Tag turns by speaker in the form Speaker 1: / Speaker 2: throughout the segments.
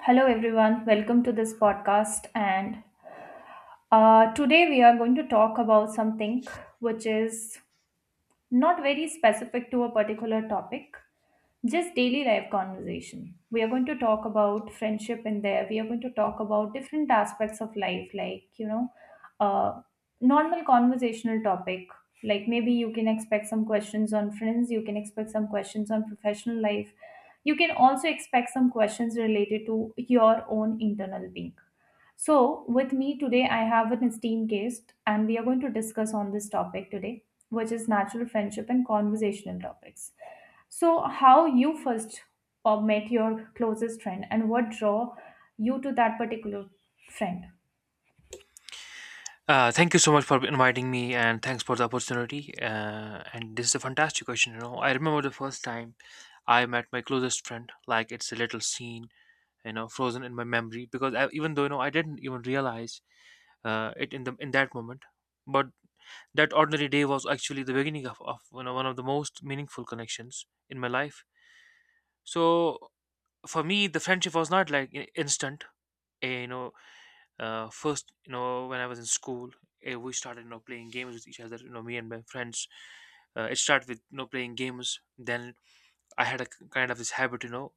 Speaker 1: Hello, everyone. Welcome to this podcast. And Today we are going to talk about something which is not very specific to a particular topic, just daily life conversation. We are going to talk about friendship in there. We are going to talk about different aspects of life, like, you know, uh, normal conversational topic. Like maybe you can expect some questions on friends, you can expect some questions on professional life. You can also expect some questions related to your own internal being. So, with me today, I have an esteemed guest, and we are going to discuss on this topic today, which is natural friendship and conversational topics. So, how you first met your closest friend, and what draw you to that particular friend?
Speaker 2: Thank you so much for inviting me, and thanks for the opportunity. And this is a fantastic question. You know, I remember the first time I met my closest friend. Like it's a little scene, you know, frozen in my memory because even though I didn't even realize it in the in that moment, but that ordinary day was actually the beginning of one of the most meaningful connections in my life. So for me, the friendship was not like instant. eh, You know, first, when I was in school, we started playing games with each other, me and my friends. It started with playing games. Then I had a kind of this habit, you know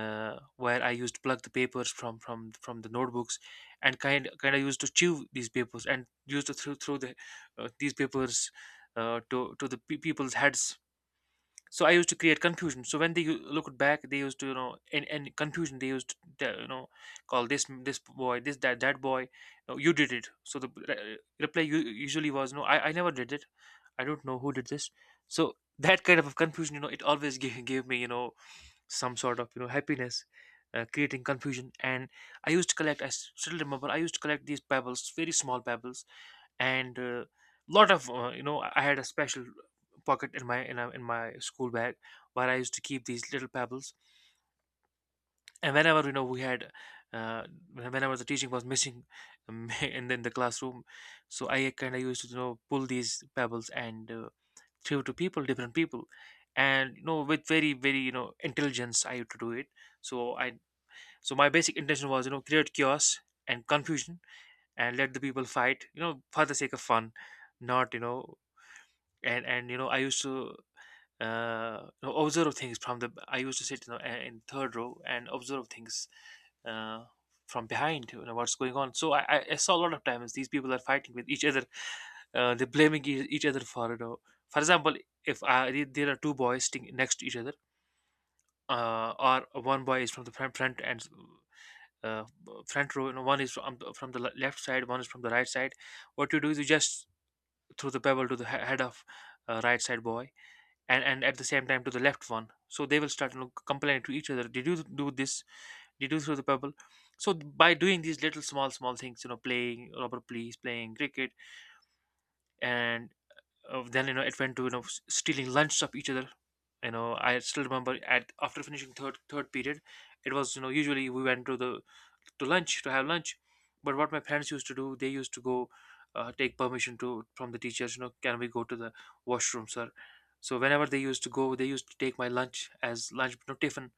Speaker 2: uh, where I used to plug the papers from the notebooks, and kind of used to chew these papers and used to throw the these papers to the people's heads. So I used to create confusion. So when they looked back, they used to, in confusion, they used to, call this boy, this that boy. "No, you did it." So the reply usually was, "No, I never did it. I don't know who did this." So that kind of confusion, it always gave me, some sort of, happiness, creating confusion. And I used to collect. I still remember. I used to collect these pebbles, very small pebbles, and lot of I had a special pocket in my in my school bag, where I used to keep these little pebbles. And whenever we had, uh, whenever the teaching was missing, in the classroom, so I kind of used to, pull these pebbles and throw to people different people. And with very, very, intelligence I used to do it. So i so my basic intention was, create chaos and confusion, and let the people fight, for the sake of fun, not, And I used to, observe things from the. I used to sit, in third row, and observe things uh, from behind. You know what's going on. So I saw a lot of times these people are fighting with each other. They're blaming each other for, For example, if there are two boys sitting next to each other, or one boy is from the front and uh, front row, one is from the left side, one is from the right side. What you do is you just throw the pebble to the head of right side boy, and at the same time to the left one, so they will start, complaining to each other, "Did you do this? Did you throw the pebble?" So by doing these little small things, playing rubber please, playing cricket, and then it went to, stealing lunch of each other. I still remember, at after finishing third period, it was, usually we went to the to lunch to have lunch. But what my parents used to do, they used to go, take permission to from the teachers, "Can we go to the washroom, sir?" So whenever they used to go, they used to take my lunch, as lunch, no, tiffin,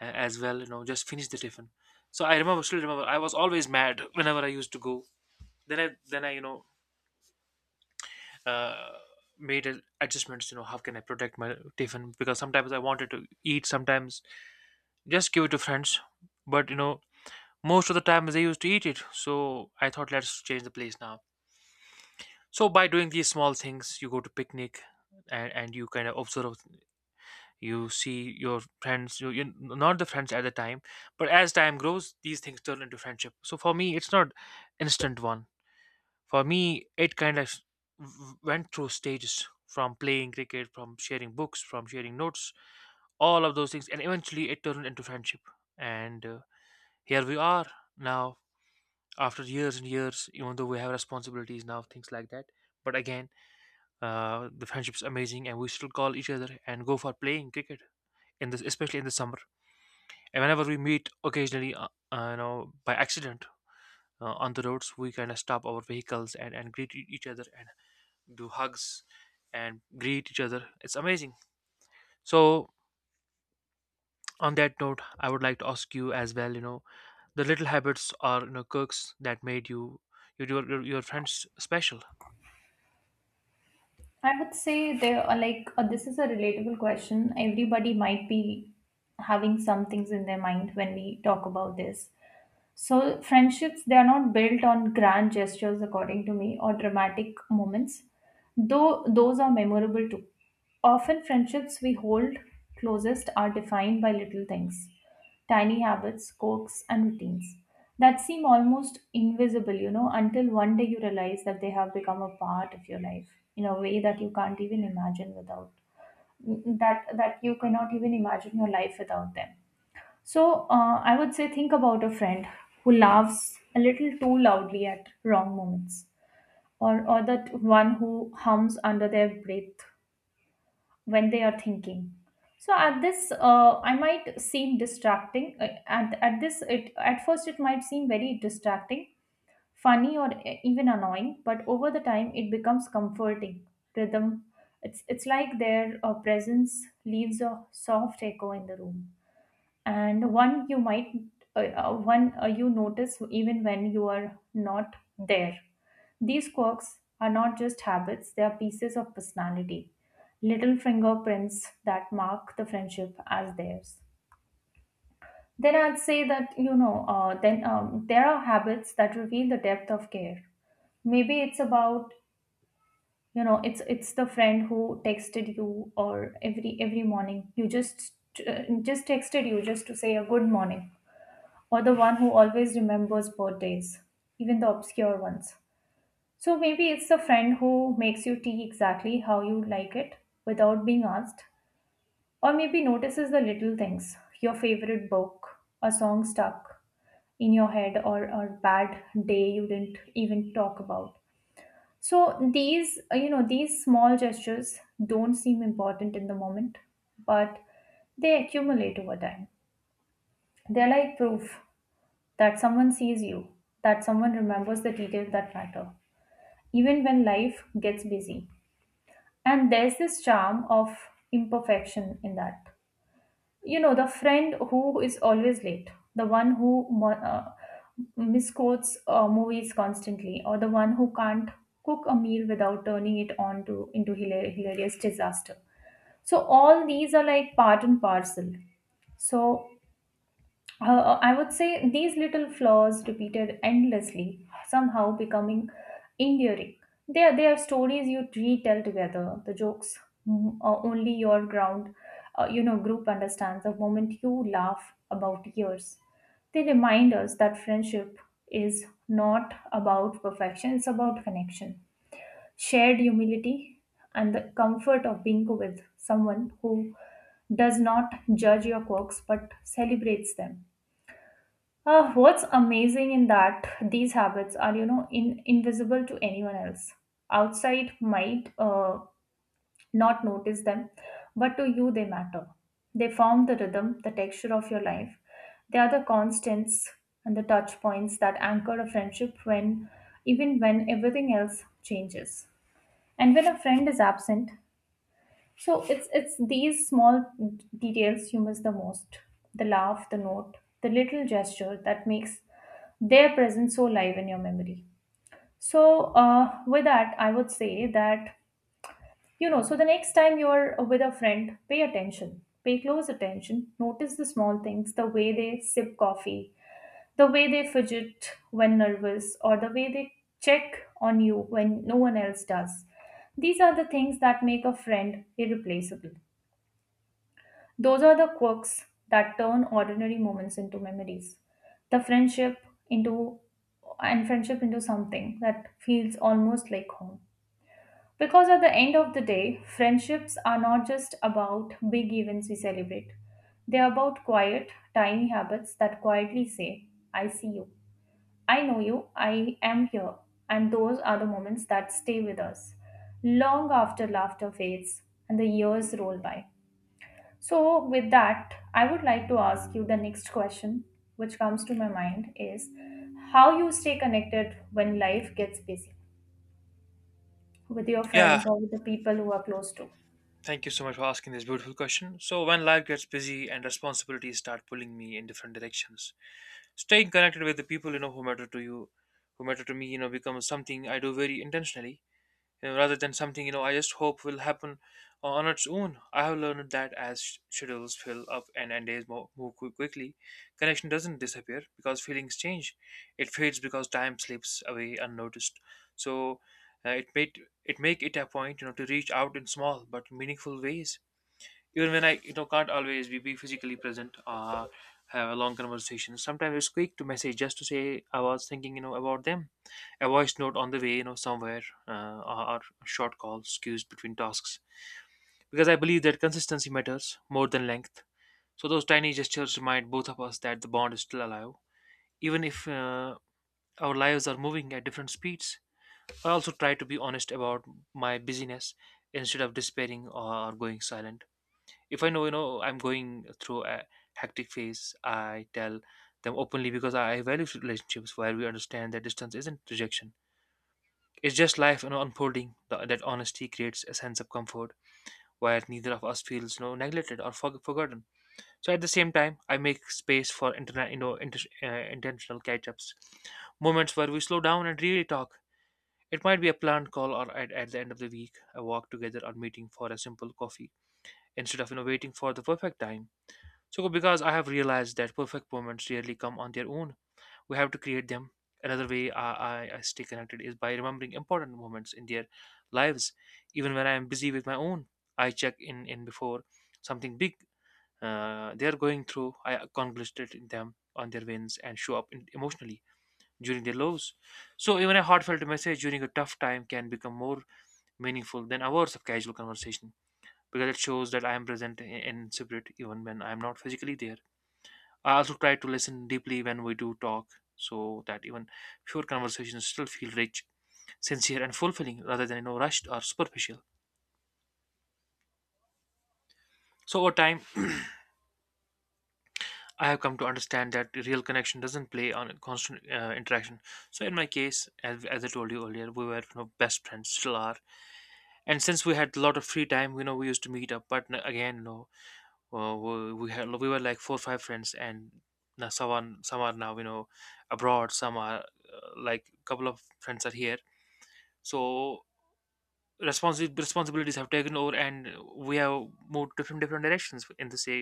Speaker 2: as well, just finish the tiffin. So I remember still remember, I was always mad whenever I used to go. Then I uh, made adjustments. How can I protect my tiffin, because sometimes I wanted to eat, sometimes just give it to friends. But, most of the time they used to eat it, so I thought, let's change the place now. So by doing these small things, you go to picnic, and you kind of observe, you see your friends, you not the friends at the time, but as time grows these things turn into friendship. So for me it's not instant one. For me, it kind of went through stages, from playing cricket, from sharing books, from sharing notes, all of those things, and eventually it turned into friendship. And here we are now, after years and years, even though we have responsibilities now, things like that. But again, the friendship's amazing, and we still call each other and go for playing cricket in this, especially in the summer. And whenever we meet occasionally, by accident, on the roads, we kind of stop our vehicles and greet each other, and do hugs, and greet each other. It's amazing. So. On that note, I would like to ask you as well. You know, the little habits or quirks that made you, your friends special.
Speaker 1: I would say there are like this is a relatable question. Everybody might be having some things in their mind when we talk about this. So friendships, they are not built on grand gestures according to me or dramatic moments, though those are memorable too. Often friendships we hold closest are defined by little things, tiny habits, quirks and routines that seem almost invisible, you know, until one day you realize that they have become a part of your life in a way that you can't even imagine without that you cannot even imagine your life without them. So I would say think about a friend who laughs a little too loudly at wrong moments, or that one who hums under their breath when they are thinking. So at this, I might seem distracting. At this, it at first it might seem very distracting, funny, or even annoying. But over the time, it becomes comforting. Rhythm. It's like their presence leaves a soft echo in the room and one you might one you notice even when you are not there. These quirks are not just habits, they are pieces of personality, little fingerprints that mark the friendship as theirs. Then I'd say that, you know, then there are habits that reveal the depth of care. Maybe it's about, you know, it's the friend who texted you, or every morning you just texted you just to say a good morning, or the one who always remembers birthdays, even the obscure ones. So maybe it's the friend who makes you tea exactly how you like it without being asked, or maybe notices the little things, your favorite book, a song stuck in your head, or a bad day you didn't even talk about. So these, you know, these small gestures don't seem important in the moment, but they accumulate over time. They're like proof that someone sees you, that someone remembers the details that matter, even when life gets busy. And there's this charm of imperfection in that. You know, the friend who is always late, the one who misquotes movies constantly, or the one who can't cook a meal without turning it on to into hilarious disaster. So all these are like part and parcel. So I would say these little flaws repeated endlessly, somehow becoming enduring. They are stories you retell together. The jokes mm, uh, only your ground, you know, group understands, the moment you laugh about years. They remind us that friendship is not about perfection, it's about connection, shared humility, and the comfort of being with someone who does not judge your quirks but celebrates them. What's amazing in that these habits are, you know, invisible to anyone else. Outside might not notice them, but to you they matter. They form the rhythm, the texture of your life. They are the constants and the touch points that anchor a friendship even when everything else changes. And when a friend is absent, so it's these small details you miss the most. The laugh, the note, the little gesture that makes they're present so live in your memory. So, with that, I would say that, you know, so the next time you're with a friend, pay attention, pay close attention, notice the small things, the way they sip coffee, the way they fidget when nervous, or the way they check on you when no one else does. These are the things that make a friend irreplaceable. Those are the quirks that turn ordinary moments into memories. The friendship into and friendship into something that feels almost like home. Because at the end of the day, friendships are not just about big events we celebrate. They are about quiet, tiny habits that quietly say, I see you, I know you, I am here. And those are the moments that stay with us long after laughter fades and the years roll by. So, with that, I would like to ask you the next question, which comes to my mind is how you stay connected when life gets busy with your
Speaker 2: Yeah.
Speaker 1: friends or with the people who are close to.
Speaker 2: Thank you so much for asking this beautiful question. So, when life gets busy and responsibilities start pulling me in different directions, staying connected with the people, who matter to you, who matter to me, becomes something I do very intentionally, rather than something, I just hope will happen on its own. I have learned that as schedules fill up, and days move quickly, connection doesn't disappear because feelings change. It fades because time slips away unnoticed. So, it make it a point, to reach out in small but meaningful ways, even when I, can't always be physically present or have a long conversation. Sometimes it's quick to message just to say I was thinking, about them, a voice note on the way, somewhere, or short call skews between tasks, because I believe that consistency matters more than length. So those tiny gestures remind both of us that the bond is still alive, even if. Our lives are moving at different speeds. I also try to be honest about my busyness, instead of despairing or going silent. If I know, I'm going through a hectic phase, I tell them openly, because I value relationships where we understand that distance isn't rejection. It's just life, unfolding. That honesty creates a sense of comfort where neither of us feels, neglected or forgotten. So at the same time, I make space for internet, you know, inter- intentional catch-ups, moments where we slow down and really talk. It might be a planned call or at the end of the week, a walk together, or meeting for a simple coffee, instead of, waiting for the perfect time, so, because I have realized that perfect moments rarely come on their own, we have to create them. Another way I stay connected is by remembering important moments in their lives. Even when I am busy with my own, I check in before something big they are going through. I congratulate them on their wins and show up emotionally during their lows. So, even a heartfelt message during a tough time can become more meaningful than hours of casual conversation, because it shows that I am present in spirit even when I am not physically there. I also try to listen deeply when we do talk, so that even pure conversations still feel rich, sincere, and fulfilling, rather than rushed or superficial. So over time, I have come to understand that real connection doesn't play on constant interaction. So in my case, as I told you earlier, we were, best friends, still are. And since we had a lot of free time, we used to meet up. But again, no, we were like four or five friends, and now some are now abroad, some are like a couple of friends are here, so responsibilities have taken over, and we have moved different directions in the say,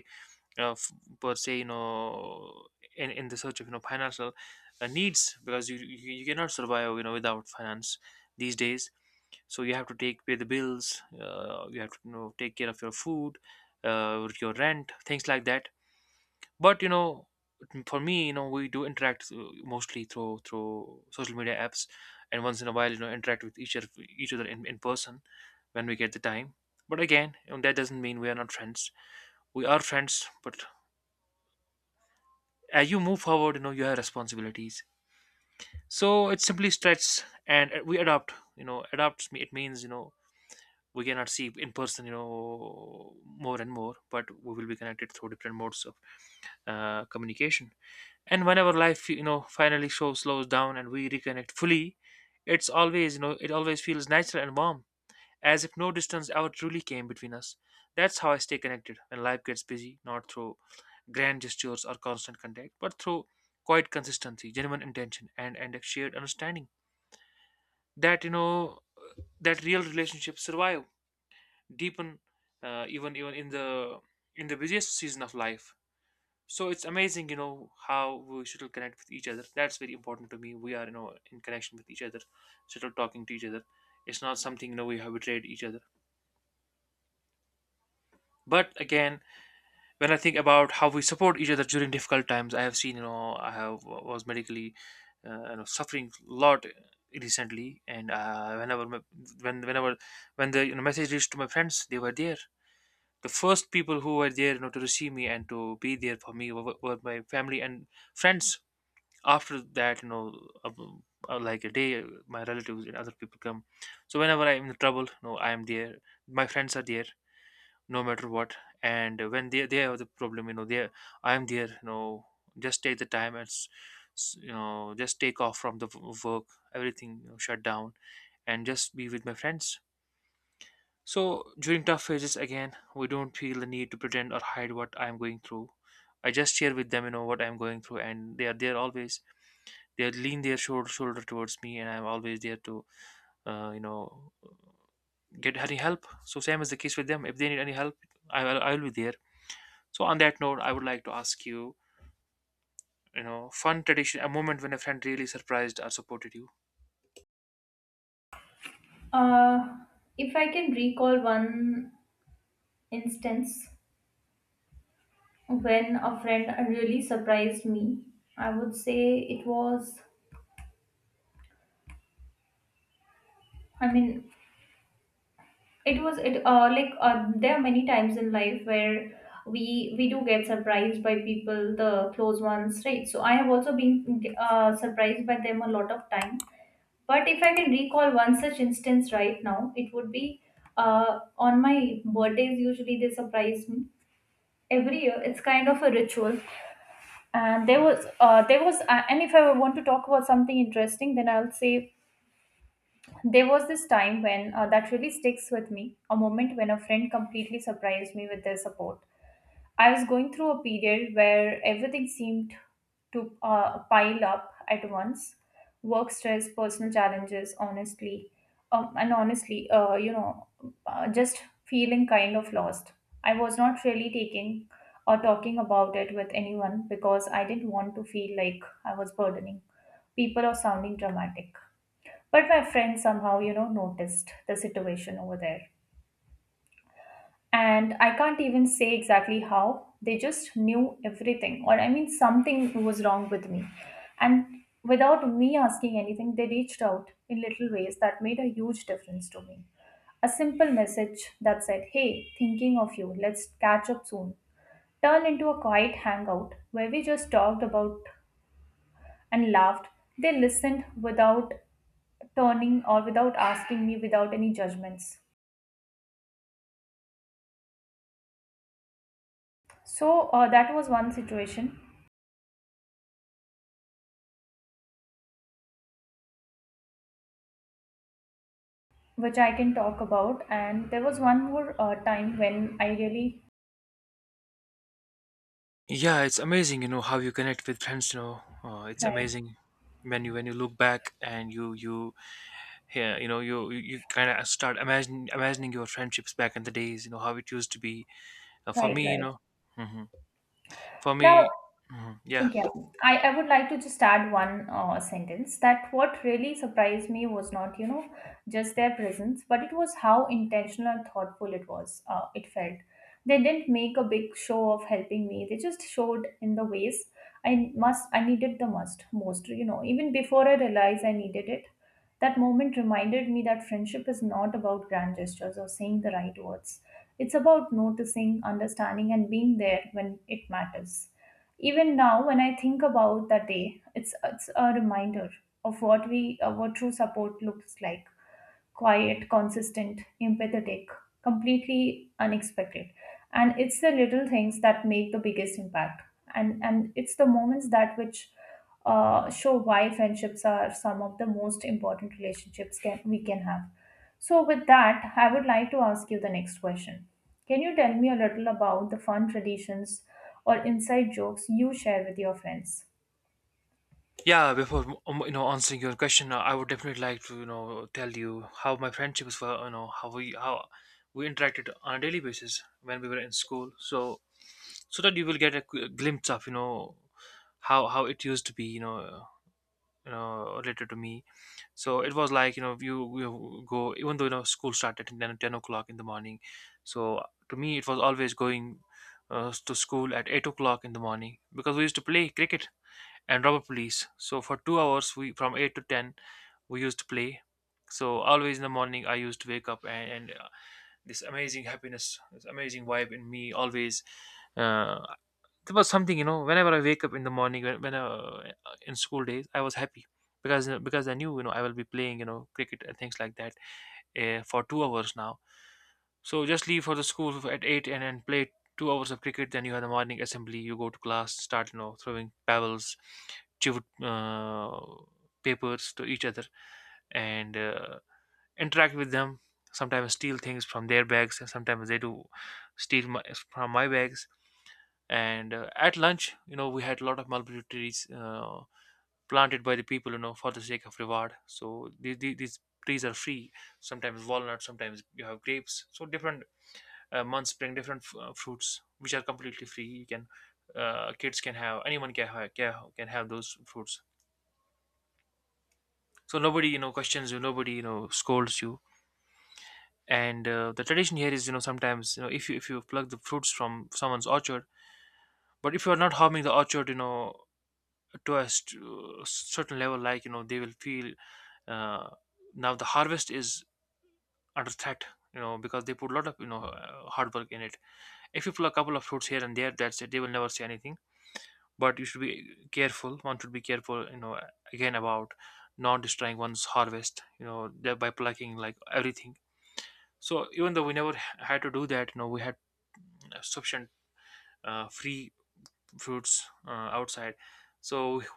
Speaker 2: uh, f- per se, in the search of financial needs, because you cannot survive without finance these days. So you have to take pay the bills, you have to take care of your food, your rent, things like that. But for me, we do interact mostly through social media apps, and once in a while, interact with each other in person when we get the time. But again, that doesn't mean we are not friends. We are friends, but as you move forward, you have responsibilities. So it simply stretch, and we adopt, adopts me. It means, we cannot see in person, more and more, but we will be connected through different modes of communication. And whenever life, finally show slows down and we reconnect fully, it's always, it always feels natural and warm, as if no distance ever truly came between us. That's how I stay connected when life gets busy, not through grand gestures or constant contact, but through quiet consistency, genuine intention, and a shared understanding that, that real relationships survive, deepen, even in the busiest season of life. So it's amazing, how we should connect with each other. That's very important to me. We are, in connection with each other, still talking to each other. It's not something, we have betrayed each other. But again, when I think about how we support each other during difficult times, I have seen, I have was medically suffering a lot recently. And whenever my, when whenever when the, message reached to my friends, they were there. The first people who were there, to receive me and to be there for me, were my family and friends. After that, like a day, my relatives and other people come. So whenever I'm in trouble, I'm there. My friends are there, no matter what. And when they have the problem, they I'm there, just take the time and just take off from the work, everything, shut down, and just be with my friends. So during tough phases, again, we don't feel the need to pretend or hide what I'm going through. I just share with them, what I'm going through, and they are there always. They lean their shoulder towards me, and I'm always there to uh, you know get any help. So same is the case with them. If they need any help, I will be there. So on that note, I would like to ask you, you know fun tradition, a moment when a friend really surprised or supported you.
Speaker 1: Uh, if I can recall one instance when a friend really surprised me, I would say it was, I mean, it was it like there are many times in life where we do get surprised by people, the close ones, right? So I have also been surprised by them a lot of time. But if I can recall one such instance right now, it would be on my birthdays. Usually they surprise me every year. It's kind of a ritual. And there was, and if I want to talk about something interesting, then I'll say there was this time when, that really sticks with me, a moment when a friend completely surprised me with their support. I was going through a period where everything seemed to pile up at once, work stress, personal challenges, honestly. And honestly, you know, just feeling kind of lost. I was not really taking or talking about it with anyone because I didn't want to feel like I was burdening people or sounding dramatic. But my friend somehow, you know, noticed the situation over there. And I can't even say exactly how. They just knew everything. Or, I mean, something was wrong with me. And without me asking anything, they reached out in little ways that made a huge difference to me. A simple message that said, "Hey, thinking of you, let's catch up soon," turned into a quiet hangout where we just talked about and laughed. They listened without turning or without asking me, without any judgments. So that was one situation which I can talk about, and there was one more time when I really
Speaker 2: Yeah, it's amazing, how you connect with friends, it's
Speaker 1: right,
Speaker 2: amazing when you look back and you yeah, you you kind of start imagining your friendships back in the days, how it used to be. For
Speaker 1: right,
Speaker 2: me,
Speaker 1: right.
Speaker 2: hmm for
Speaker 1: Now
Speaker 2: me, mhm, yeah.
Speaker 1: yeah, I would like to just add one sentence that what really surprised me was not, you know, just their presence, but it was how intentional and thoughtful it was. It felt they didn't make a big show of helping me. They just showed in the ways I needed the most, you know, even before I realized I needed it. That moment reminded me that friendship is not about grand gestures or saying the right words. It's about noticing, understanding, and being there when it matters. Even now, when I think about that day, it's a reminder of what true support looks like: quiet, consistent, empathetic, completely unexpected. And it's the little things that make the biggest impact. And it's the moments that which show why friendships are some of the most important relationships we can have. So with that, I would like to ask you the next question. Can you tell me a little about the fun traditions or inside jokes you share with your friends?
Speaker 2: Yeah, before answering your question, I would definitely like to tell you how my friendships were, how we interacted on a daily basis when we were in school. So that you will get a glimpse of, how it used to be, related to me. So it was like, you you go, even though, school started at 10 o'clock in the morning. So to me, it was always going to school at 8 o'clock in the morning because we used to play cricket and robber police. So for 2 hours, we, from 8 to 10, we used to play. So always in the morning, I used to wake up, and this amazing happiness, this amazing vibe in me always. Uh, there was something. Whenever I wake up in the morning, when in school days, I was happy because I knew, I will be playing, cricket and things like that, for 2 hours now. So just leave for the school at 8 and then play 2 hours of cricket. Then you have the morning assembly. You go to class, start throwing pebbles, chip uh, papers to each other, and interact with them. Sometimes steal things from their bags, and sometimes they do steal from my bags. And At lunch, we had a lot of mulberry trees. Planted by the people, for the sake of reward. So these trees are free, sometimes walnut, sometimes you have grapes. So different months bring different fruits, which are completely free. You can, kids can have, anyone can have those fruits. So nobody, questions you. Nobody, scolds you. And The tradition here is, sometimes, if you pluck the fruits from someone's orchard, but if you are not harming the orchard, to a certain level, they will feel, uh, now the harvest is under threat, because they put a lot of, hard work in it. If you pull a couple of fruits here and there, that's it, they will never say anything. But you should be careful. One should be careful, again, about not destroying one's harvest, thereby plucking like everything. So even though we never had to do that, we had sufficient free fruits outside. So